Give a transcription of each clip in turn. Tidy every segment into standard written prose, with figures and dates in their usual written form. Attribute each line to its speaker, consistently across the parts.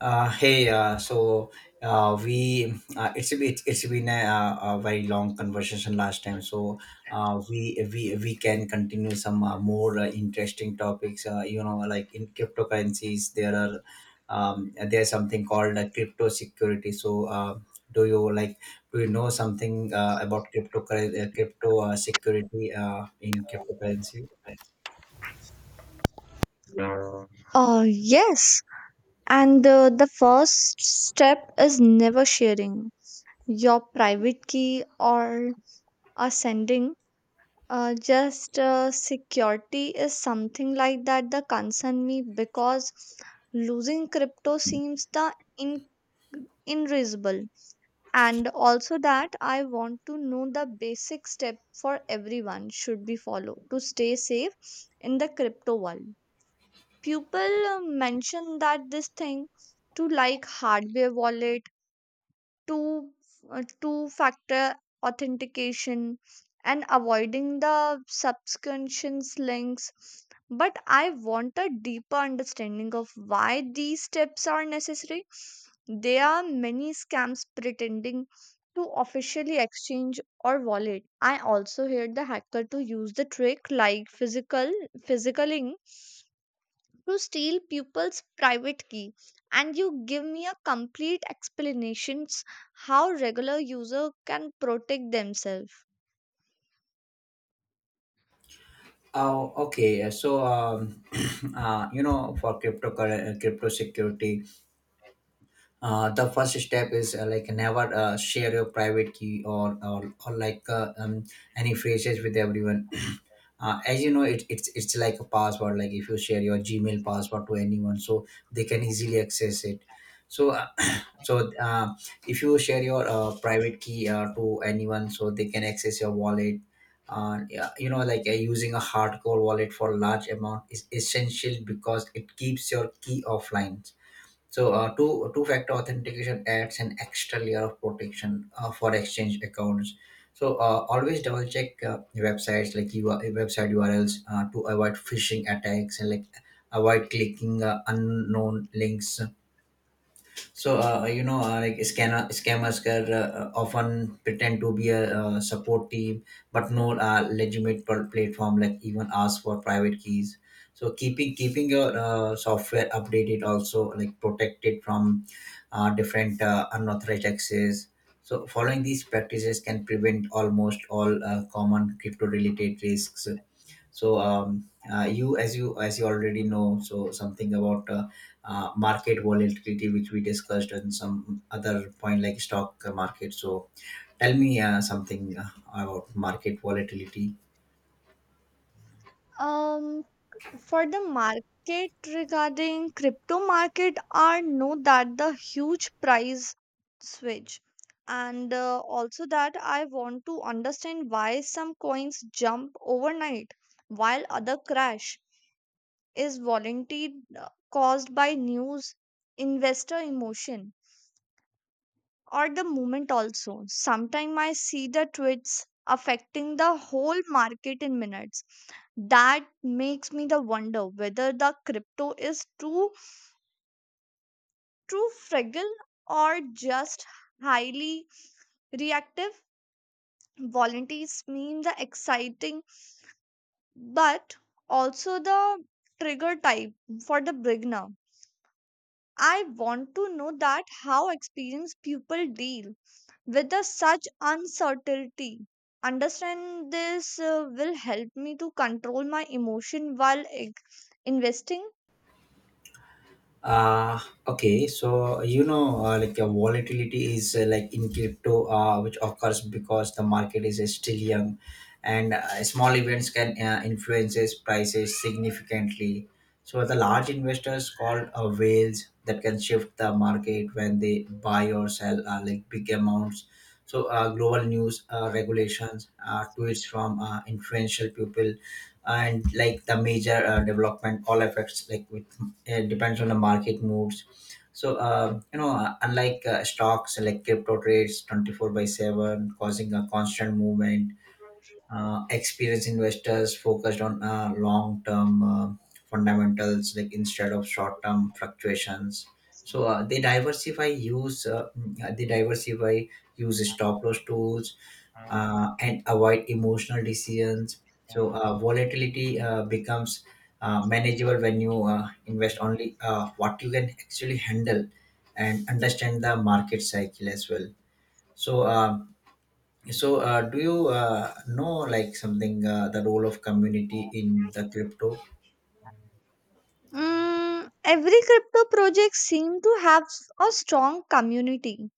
Speaker 1: Hey, so we it's been a very long conversation last time. So we can continue some more interesting topics. You know, like in cryptocurrencies, there's something called crypto security. So do you like do you know something about crypto security in cryptocurrency?
Speaker 2: Yes, and the first step is never sharing your private key or sending. Just security is something like that concern me because losing crypto seems the in irreversible. And also that I want to know the basic step for everyone should be followed to stay safe in the crypto world. People mention that this thing to like hardware wallet, 2, two factor authentication and avoiding the subscriptions links, but I want a deeper understanding of why these steps are necessary. There are many scams pretending to officially exchange or wallet. I also heard the hacker to use the trick like physical physicalling to steal people's private key, and you give me a complete explanations how regular user can protect themselves.
Speaker 1: Oh, okay. So, you know, for crypto security, the first step is like never share your private key or like any phrases with everyone. As you know, it's like a password, like if you share your Gmail password to anyone, so they can easily access it. So so uh, if you share your private key to anyone, so they can access your wallet. Yeah, you know, like using a hardcore wallet for large amount is essential because it keeps your key offline. So two factor authentication adds an extra layer of protection for exchange accounts. So always double check websites, like you website URLs to avoid phishing attacks, and like avoid clicking unknown links. So you know, like scanner scammers can often pretend to be a support team, but no legitimate platform, like, even ask for private keys. So keeping your software updated also, like, protected from different unauthorized access. So following these practices can prevent almost all common crypto related risks. So you already know, so something about market volatility, which we discussed on some other point, like stock market. So tell me something about market volatility.
Speaker 2: Um, for the market, regarding crypto market, I know that the huge price switch, and also that I want to understand why some coins jump overnight while other crash. Is volatility uh, caused by news, investor emotion, or the movement also? Sometimes I see the tweets affecting the whole market in minutes. That makes me the wonder whether the crypto is too fragile or just highly reactive. Volunteers mean the exciting, but also the trigger type for the beginner. I want to know that how experienced people deal with the such uncertainty. Understand this will help me to control my emotion while investing.
Speaker 1: Uh, okay, so you know, like volatility is like in crypto, which occurs because the market is still young, and small events can influences prices significantly. So the large investors, called whales, that can shift the market when they buy or sell like big amounts. So global news, regulations, tweets from influential people, and like the major development all affects, like with it, depends on the market moods. So you know, unlike stocks, like crypto trades 24 by 7, causing a constant movement. Experienced investors focused on long term fundamentals, like instead of short term fluctuations. So they diversify, use stop loss tools and avoid emotional decisions. So volatility becomes manageable when you invest only what you can actually handle, and understand the market cycle as well. So uh, so, uh, do you know, like, something the role of community in the crypto?
Speaker 2: Mm, every crypto project seem to have a strong community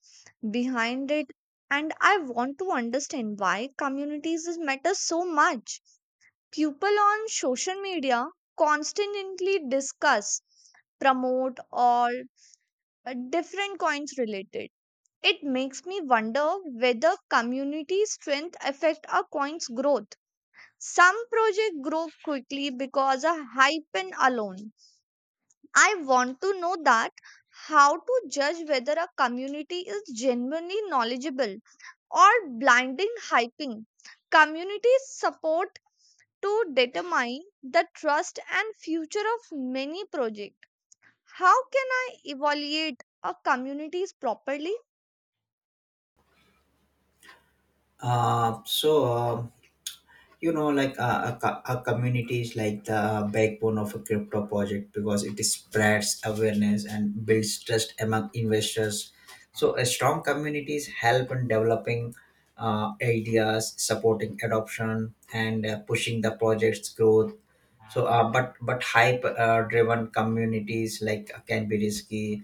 Speaker 2: behind it, and I want to understand why communities is matter so much. People on social media constantly discuss, promote, or different coins related. It makes me wonder whether community strength affect a coin's growth. Some projects grow quickly because of hype and alone. I want to know that how to judge whether a community is genuinely knowledgeable or blinding hyping. Community support to determine the trust and future of many projects. How can I evaluate a communities properly?
Speaker 1: So, you know, like a community is like the backbone of a crypto project because it spreads awareness and builds trust among investors. So a strong communities help in developing ideas, supporting adoption, and pushing the project's growth. So but hype driven communities, like, can be risky,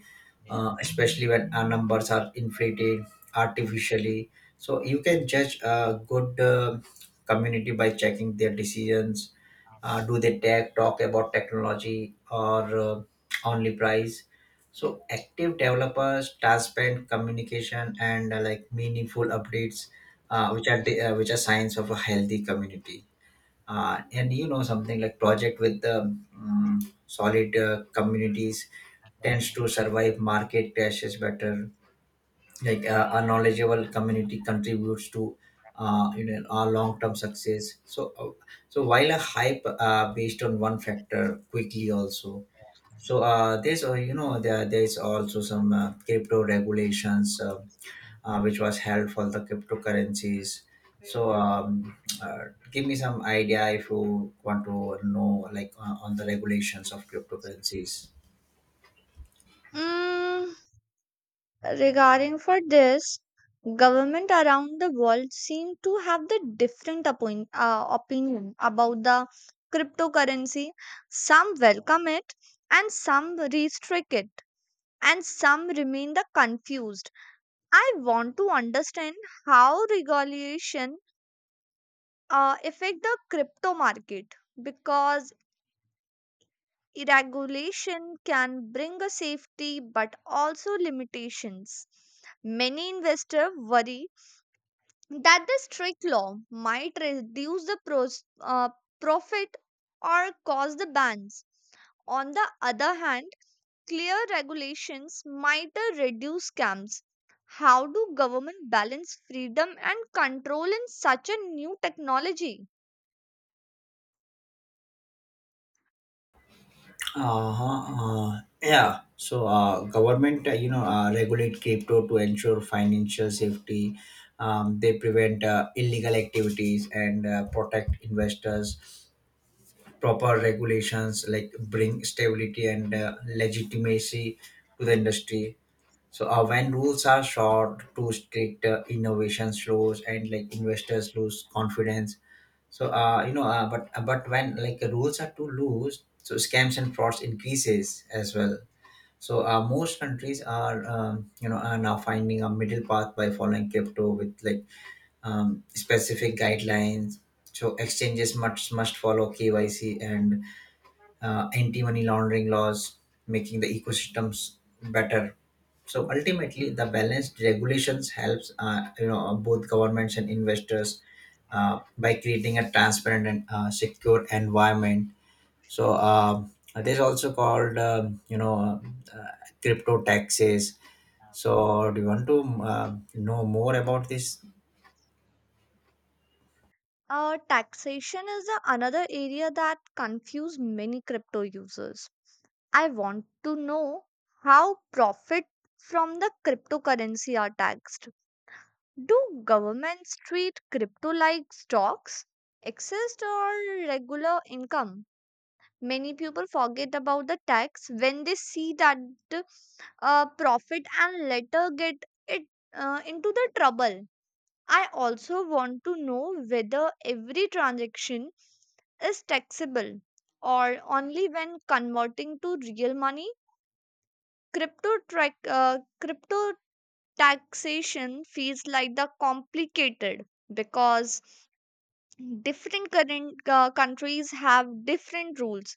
Speaker 1: especially when our numbers are inflated artificially. So you can judge a good community by checking their decisions. Do they talk about technology or only price? So active developers, transparent communication, and like meaningful updates, which are signs of a healthy community. And you know something, like project with the um, solid communities tends to survive market crashes better. Like a knowledgeable community contributes to you know our long-term success. So so while a hype based on one factor quickly also. So there's you know there there's also some crypto regulations which was held for the cryptocurrencies. So, give me some idea if you want to know, like on the regulations of cryptocurrencies.
Speaker 2: Mm, regarding for this, government around the world seem to have the different appoint, opinion about the cryptocurrency. Some welcome it, and some restrict it, and some remain the confused. I want to understand how regulation affect the crypto market, because regulation can bring a safety but also limitations. Many investors worry that the strict law might reduce the pros, profit, or cause the bans. On the other hand, clear regulations might reduce scams. How do government balance freedom and control in such a new technology?
Speaker 1: Uh-huh. Yeah. So, government, you know, regulate crypto to ensure financial safety. They prevent illegal activities and protect investors. Proper regulations, like, bring stability and legitimacy to the industry. So when rules are short, too strict, innovation slows, and like investors lose confidence. So you know, but when, like, rules are too loose, so scams and frauds increases as well. So most countries are you know are now finding a middle path by following crypto with, like, specific guidelines. So exchanges must follow KYC and anti-money laundering laws, making the ecosystems better. So ultimately, the balanced regulations helps you know both governments and investors by creating a transparent and secure environment. So this also called, you know, uh, crypto taxes. So do you want to know more about this?
Speaker 2: Taxation is the another area that confuse many crypto users. I want to know how profit from the cryptocurrency are taxed. Do governments treat crypto like stocks, exist, or regular income? Many people forget about the tax when they see that profit and later get it into the trouble. I also want to know whether every transaction is taxable or only when converting to real money. Crypto track, crypto taxation feels like the complicated because different current, countries have different rules.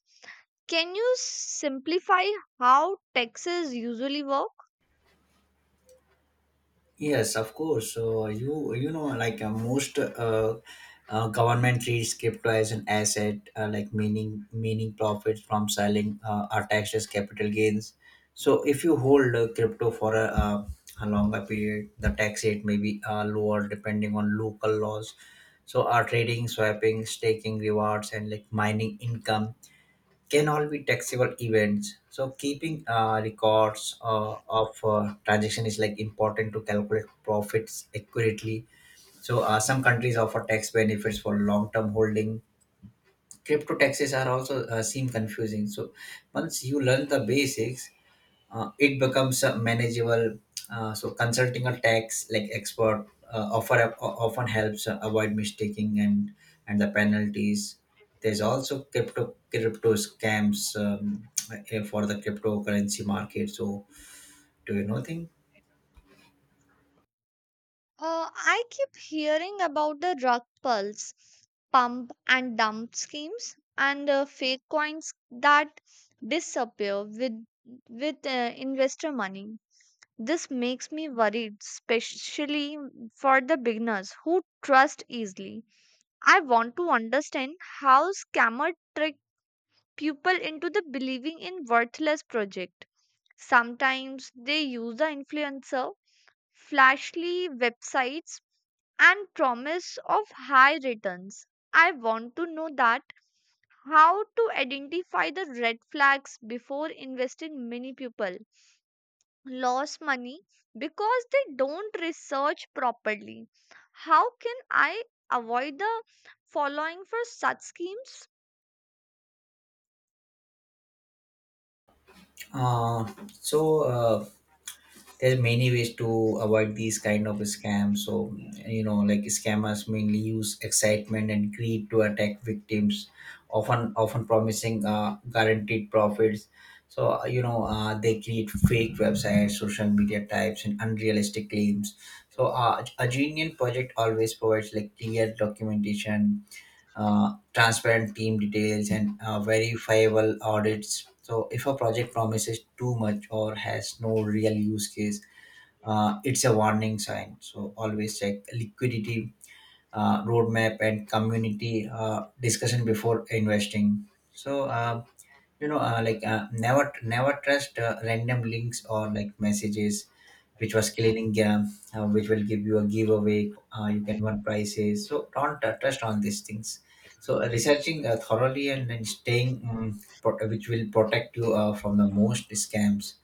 Speaker 2: Can you simplify how taxes usually work?
Speaker 1: Yes, of course. So you know, like most government treats crypto as an asset, like meaning profits from selling are taxed as capital gains. So if you hold crypto for a longer period, the tax rate may be lower depending on local laws. So our trading, swapping, staking rewards, and, like, mining income can all be taxable events. So keeping records of transaction is, like, important to calculate profits accurately. So some countries offer tax benefits for long-term holding. Crypto taxes are also seem confusing. So once you learn the basics, it becomes manageable. So consulting a tax, like, expert offer often helps avoid mistaking and the penalties. There's also crypto scams, for the cryptocurrency market. So do you know thing?
Speaker 2: uh, I keep hearing about the rug pulls, pump and dump schemes, and fake coins that disappear with investor money. This makes me worried, especially for the beginners who trust easily. I want to understand how scammer trick people into the believing in worthless project. Sometimes they use the influencer, flashy websites, and promise of high returns. I want to know that how to identify the red flags before investing many people. Lost money because they don't research properly. How can I avoid the following for such schemes?
Speaker 1: Uh, so. There's many ways to avoid these kind of scams. So you know, like, scammers mainly use excitement and greed to attack victims, often promising guaranteed profits. So you know, they create fake websites, social media types, and unrealistic claims. So a genuine project always provides, like, clear documentation, transparent team details, and verifiable audits. So if a project promises too much or has no real use case, it's a warning sign. So always check liquidity, roadmap, and community discussion before investing. So you know, like never trust random links or, like, messages which was killing which will give you a giveaway. You can win prices. So don't trust on these things. So researching thoroughly, and then which will protect you from the most scams.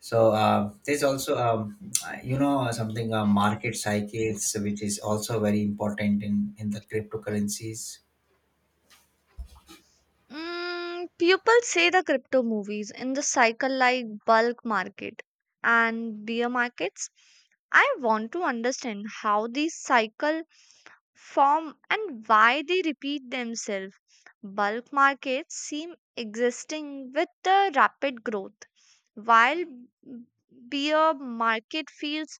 Speaker 1: So there's also, you know something, market cycles, which is also very important in the cryptocurrencies.
Speaker 2: Mm, people say the crypto movies in the cycle like bulk market and bear markets. I want to understand how these cycle form and why they repeat themselves. Bulk markets seem existing with the rapid growth, while bear market feels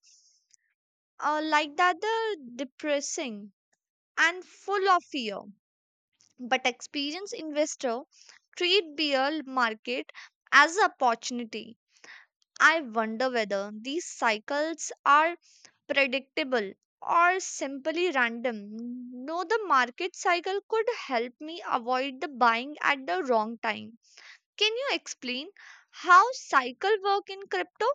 Speaker 2: like that the depressing and full of fear, but experienced investor treat bear market as an opportunity. I wonder whether these cycles are predictable or simply random. No, the market cycle could help me avoid the buying at the wrong time. Can you explain how cycle work in crypto?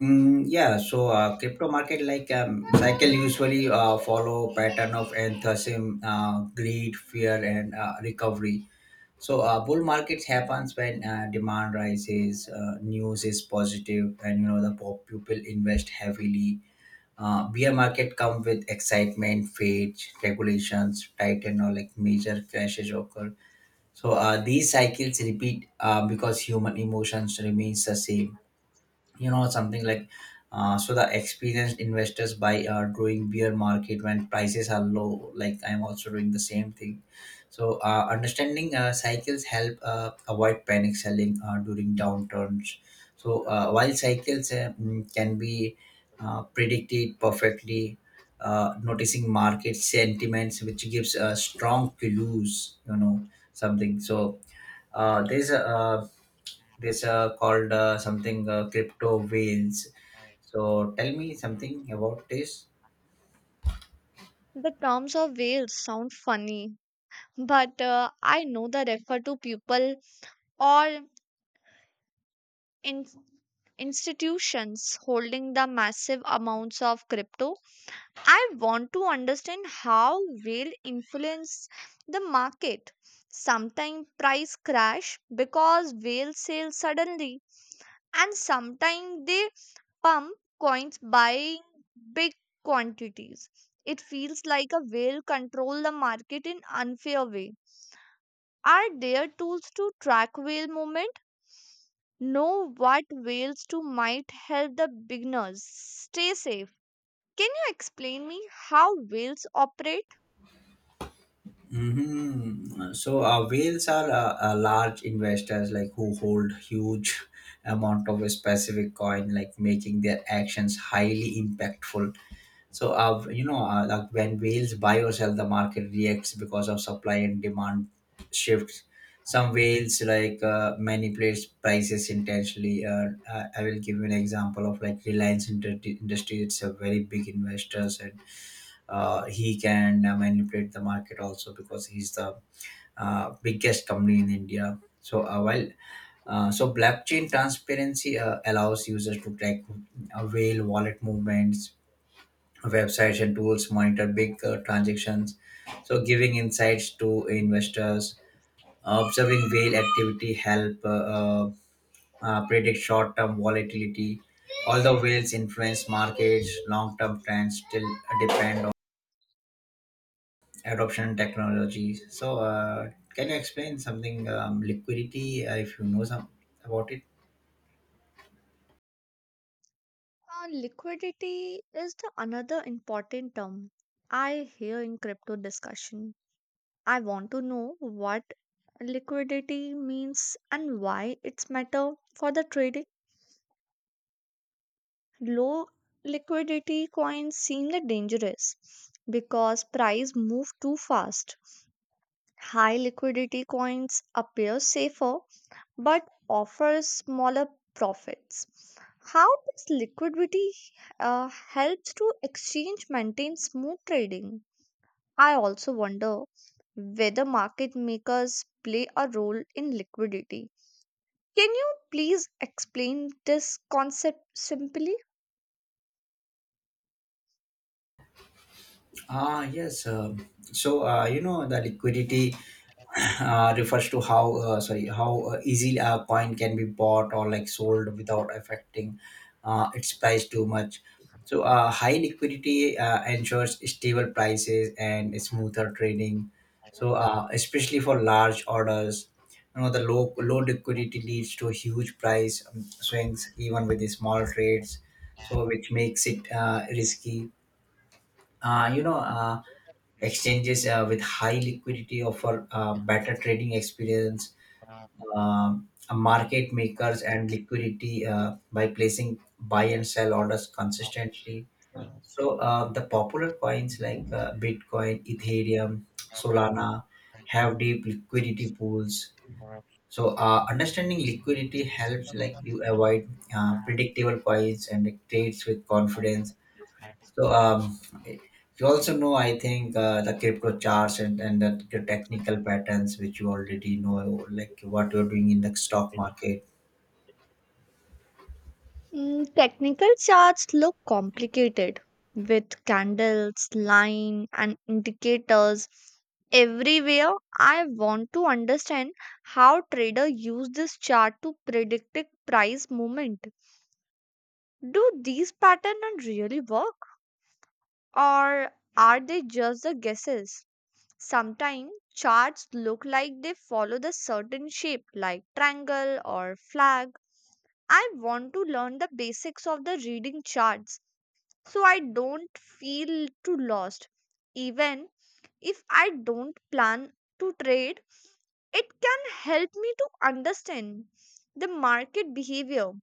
Speaker 1: Mm, yeah, so crypto market, like, cycle usually follow pattern of enthusiasm, greed, fear, and recovery. So bull market happens when demand rises, news is positive, and you know the pop people invest heavily. Beer market come with excitement, fate, regulations, tight, and all, like, major crashes occur. So these cycles repeat because human emotions remains the same, you know something, like, so the experienced investors buy during bear market when prices are low, like I'm also doing the same thing. So understanding cycles help avoid panic selling during downturns. So while cycles can be predicted perfectly, noticing market sentiments, which gives a strong clues, you know something. So there's a this called something, crypto whales. So tell me something about this.
Speaker 2: The terms of whales sound funny, but I know they refer to people or in institutions holding the massive amounts of crypto. I want to understand how whale influence the market. Sometimes price crash because whale sell suddenly, and sometimes they pump coins buying big quantities. It feels like a whale control the market in unfair way. Are there tools to track whale movement? Know what whales to might help the beginners. Stay safe. Can you explain me how whales operate?
Speaker 1: Hmm. So whales are large investors, like, who hold huge amount of a specific coin, like making their actions highly impactful. So, you know, like when whales buy or sell, the market reacts because of supply and demand shifts. Some whales, like, manipulate prices intentionally. I will give you an example of, like, Reliance Industry. It's a very big investor, and he can manipulate the market also because he's the biggest company in India. So, while so blockchain transparency allows users to track whale wallet movements. Websites and tools monitor big transactions, so giving insights to investors. Observing whale activity help predict short-term volatility. Although whales influence markets, long-term trends still depend on adoption and technology. So can you explain something, liquidity, if you know some about it?
Speaker 2: Liquidity is the another important term I hear in crypto discussion. I want to know what liquidity means and why it's matter for the trading. Low liquidity coins seem the dangerous because price move too fast. High liquidity coins appear safer but offer smaller profits. How does liquidity helps to exchange maintain smooth trading? I also wonder whether market makers play a role in liquidity. Can you please explain this concept simply?
Speaker 1: Ah, yes. So you know the liquidity refers to how sorry how easily a coin can be bought or, like, sold without affecting its price too much. High liquidity ensures stable prices and smoother trading. Especially for large orders, you know the low liquidity leads to huge price swings even with the small trades. So which makes it risky. Uh, you know. Uh, Exchanges with high liquidity offer better trading experience. Market makers and liquidity by placing buy and sell orders consistently. The popular coins like Bitcoin, Ethereum, Solana have deep liquidity pools. Understanding liquidity helps like you avoid predictable coins and trades with confidence so you also know, I think the crypto charts and the technical patterns which you already know, like what you're doing in the stock market.
Speaker 2: Mm, technical charts look complicated with candles, line, and indicators everywhere. I want to understand how trader use this chart to predict a price movement. Do these patterns really work, or are they just the guesses? Sometimes charts look like they follow the certain shape, like triangle or flag. I want to learn the basics of the reading charts so I don't feel too lost. Even if I don't plan to trade, it can help me to understand the market behavior.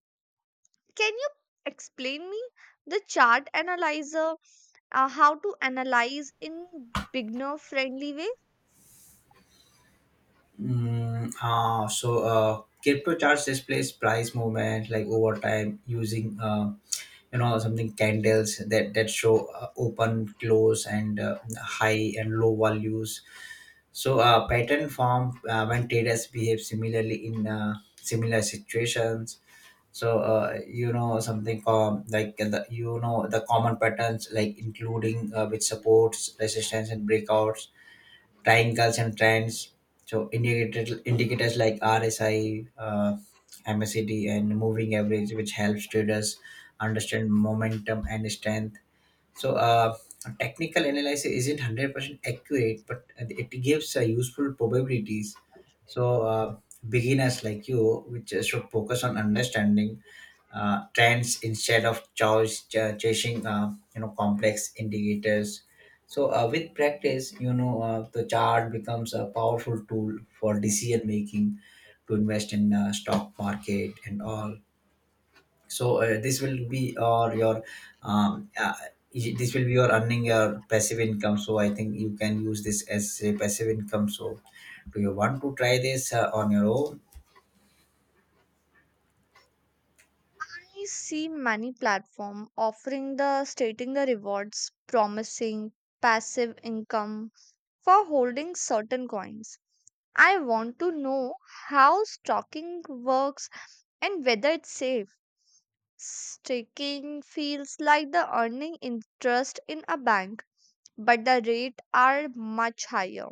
Speaker 2: Can you explain me the chart analyzer, how to analyze in beginner friendly way?
Speaker 1: Crypto charts displays price movement like over time using you know something candles that show open, close, and high and low values. Pattern form when traders behave similarly in similar situations so you know something the, you know the common patterns like including which supports resistance and breakouts, triangles and trends, so indicated indicators like RSI, MACD and moving average which helps traders understand momentum and strength. so uh, a technical analysis isn't 100% accurate, but it gives useful probabilities. So uh, Beginners like you, which should focus on understanding trends instead of chasing you know complex indicators. With practice, you know the chart becomes a powerful tool for decision making to invest in stock market and all. So this will be or your um, uh, this will be your earning your passive income, so I think you can use this as a passive income. So do you want to try this on your own?
Speaker 2: I see many platform offering the stating the rewards, promising passive income for holding certain coins. I want to know how stocking works and whether it's safe. Staking feels like the earning interest in a bank, but the rate are much higher.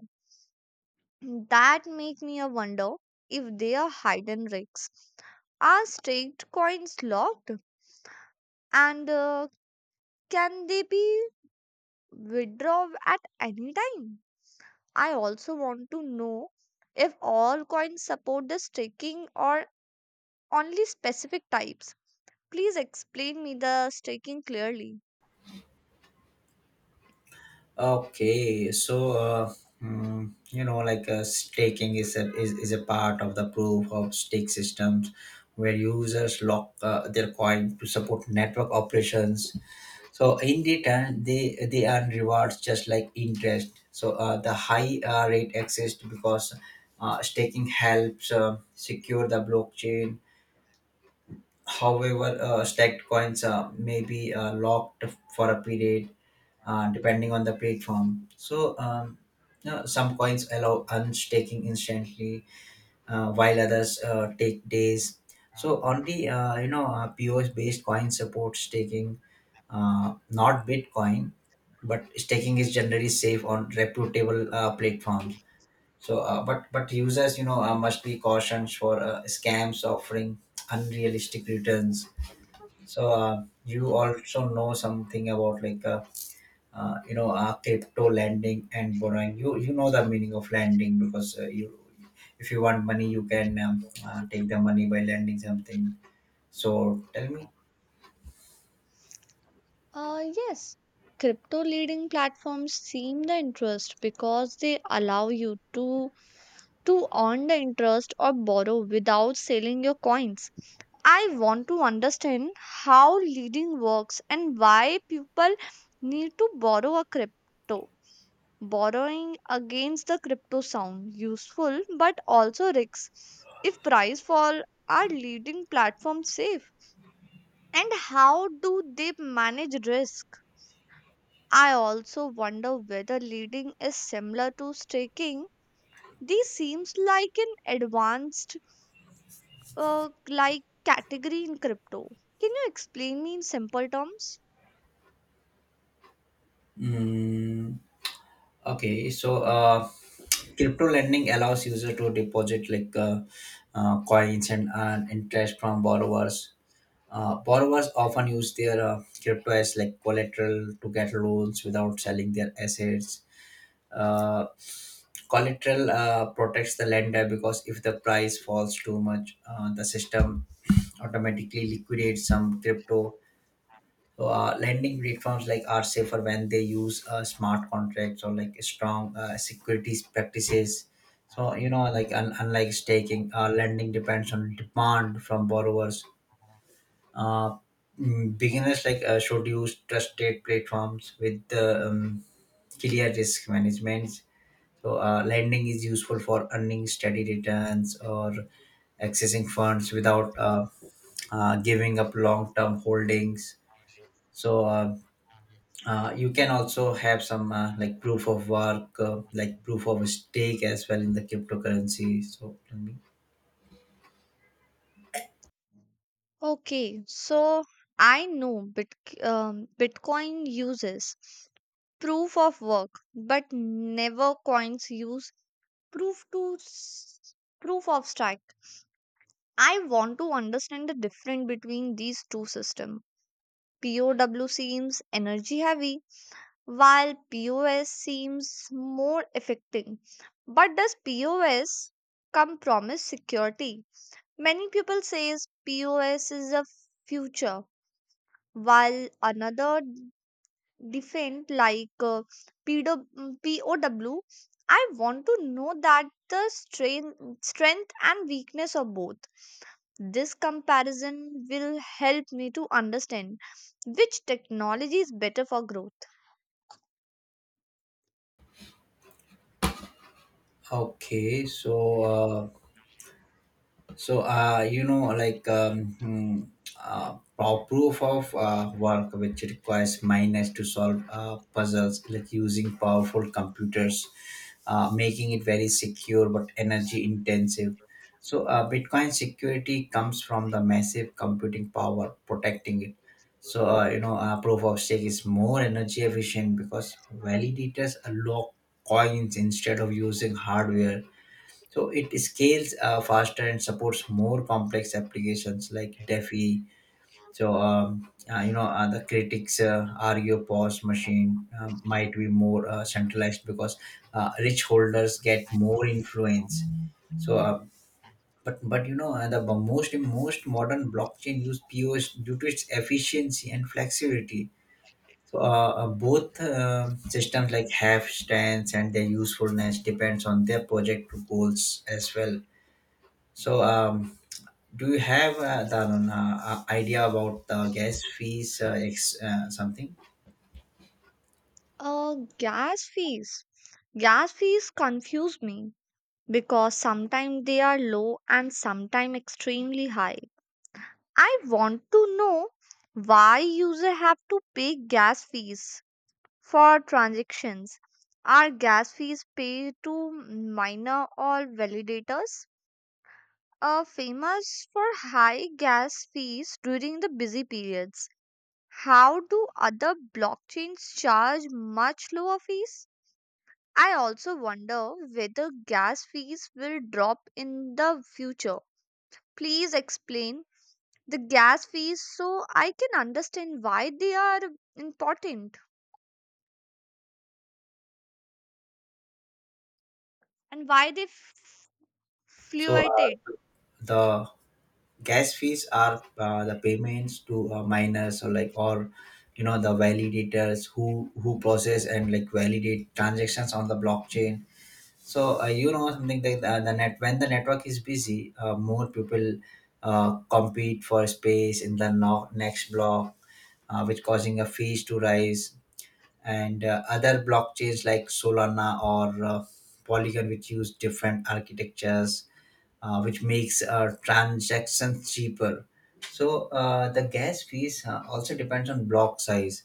Speaker 2: That make me a wonder if they are hidden risks. Are staked coins locked, and can they be withdrawn at any time? I also want to know if all coins support the staking or only specific types. Please explain me the staking clearly.
Speaker 1: Okay, so you know, like staking is is a part of the proof of stake systems, where users lock their coin to support network operations. So in return, they earn rewards just like interest. The high rate exists because staking helps secure the blockchain. However, stacked coins may be locked for a period depending on the platform. So, you know, some coins allow unstaking instantly, while others take days. So, only you know POS-based coin supports staking, not Bitcoin, but staking is generally safe on reputable platforms. So, but users, you know, must be cautioned for scams offering unrealistic returns. So you also know something about like you know crypto lending and borrowing. You know the meaning of lending because you, if you want money, you can take the money by lending something. So tell me.
Speaker 2: Yes, crypto leading platforms seem the interest because they allow you to earn the interest or borrow without selling your coins. I want to understand how leading works and why people need to borrow a crypto. Borrowing against the crypto sound useful, but also risks if price fall. Are leading platforms safe, and how do they manage risk? I also wonder whether leading is similar to staking. This seems like an advanced like category in crypto. Can you explain me in simple terms?
Speaker 1: Mm, okay, so crypto lending allows user to deposit like coins and earn interest from borrowers. Borrowers often use their crypto as like collateral to get loans without selling their assets. Uh, Collateral protects the lender because if the price falls too much, the system automatically liquidates some crypto. So, lending platforms like are safer when they use smart contracts or like strong securities practices. So you know, like unlike staking, lending depends on demand from borrowers. Uh, Beginners like should use trusted platforms with the clear risk management. So lending is useful for earning steady returns or accessing funds without giving up long-term holdings. So you can also have some like proof of work, like proof of stake as well in the cryptocurrency. So tell me.
Speaker 2: Okay, so I know Bitcoin uses proof of work, but never coins use proof to s- proof of stake. I want to understand the difference between these two systems. POW seems energy heavy, while POS seems more effective. But does POS come promise security? Many people says POS is a future, while another different like PW, want to know that the strength and weakness of both. This comparison will help me to understand which technology is better for growth.
Speaker 1: Okay, uh, So you know, like proof of work, which requires miners to solve puzzles, like using powerful computers, making it very secure but energy intensive. So, Bitcoin security comes from the massive computing power protecting it. So, you know, proof of stake is more energy efficient because validators lock coins instead of using hardware, so it scales faster and supports more complex applications like DeFi. So you know the critics argue POS machine might be more centralized because rich holders get more influence. So but you know the most modern blockchain use POS due to its efficiency and flexibility. So both systems like have stance and their usefulness depends on their project goals as well. So, do you have the idea about the gas fees, something?
Speaker 2: Gas fees. Gas fees confuse me because sometimes they are low and sometimes extremely high. I want to know why users have to pay gas fees for transactions. Are gas fees paid to miner or validators? Are famous for high gas fees during the busy periods. How do other blockchains charge much lower fees? I also wonder whether gas fees will drop in the future. Please explain the gas fees so I can understand why they are important and why they
Speaker 1: So,
Speaker 2: fluctuated.
Speaker 1: the gas fees are the payments to miners or like or you know the validators who process and like validate transactions on the blockchain. So you know something like the net when the network is busy, more people compete for space in the next block, which causing a fees to rise, and other blockchains like Solana or Polygon, which use different architectures, which makes transactions cheaper. So the gas fees also depends on block size,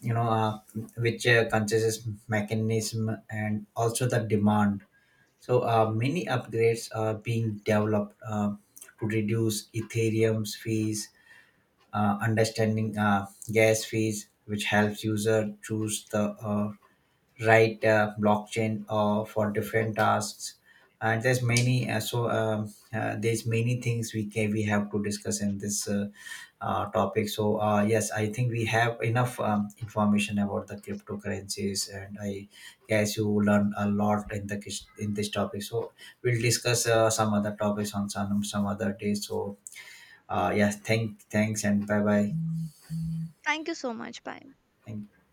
Speaker 1: you know, which considers mechanism and also the demand. So many upgrades are being developed to reduce Ethereum's fees. Understanding gas fees, which helps user choose the right blockchain for different tasks. And there's many there's many things we have to discuss in this topic. So yes, I think we have enough information about the cryptocurrencies, and I guess you learn a lot in the in this topic. So we'll discuss some other topics on some other day. So yes, thanks and bye bye.
Speaker 2: Thank you so much, bye.
Speaker 1: Thank.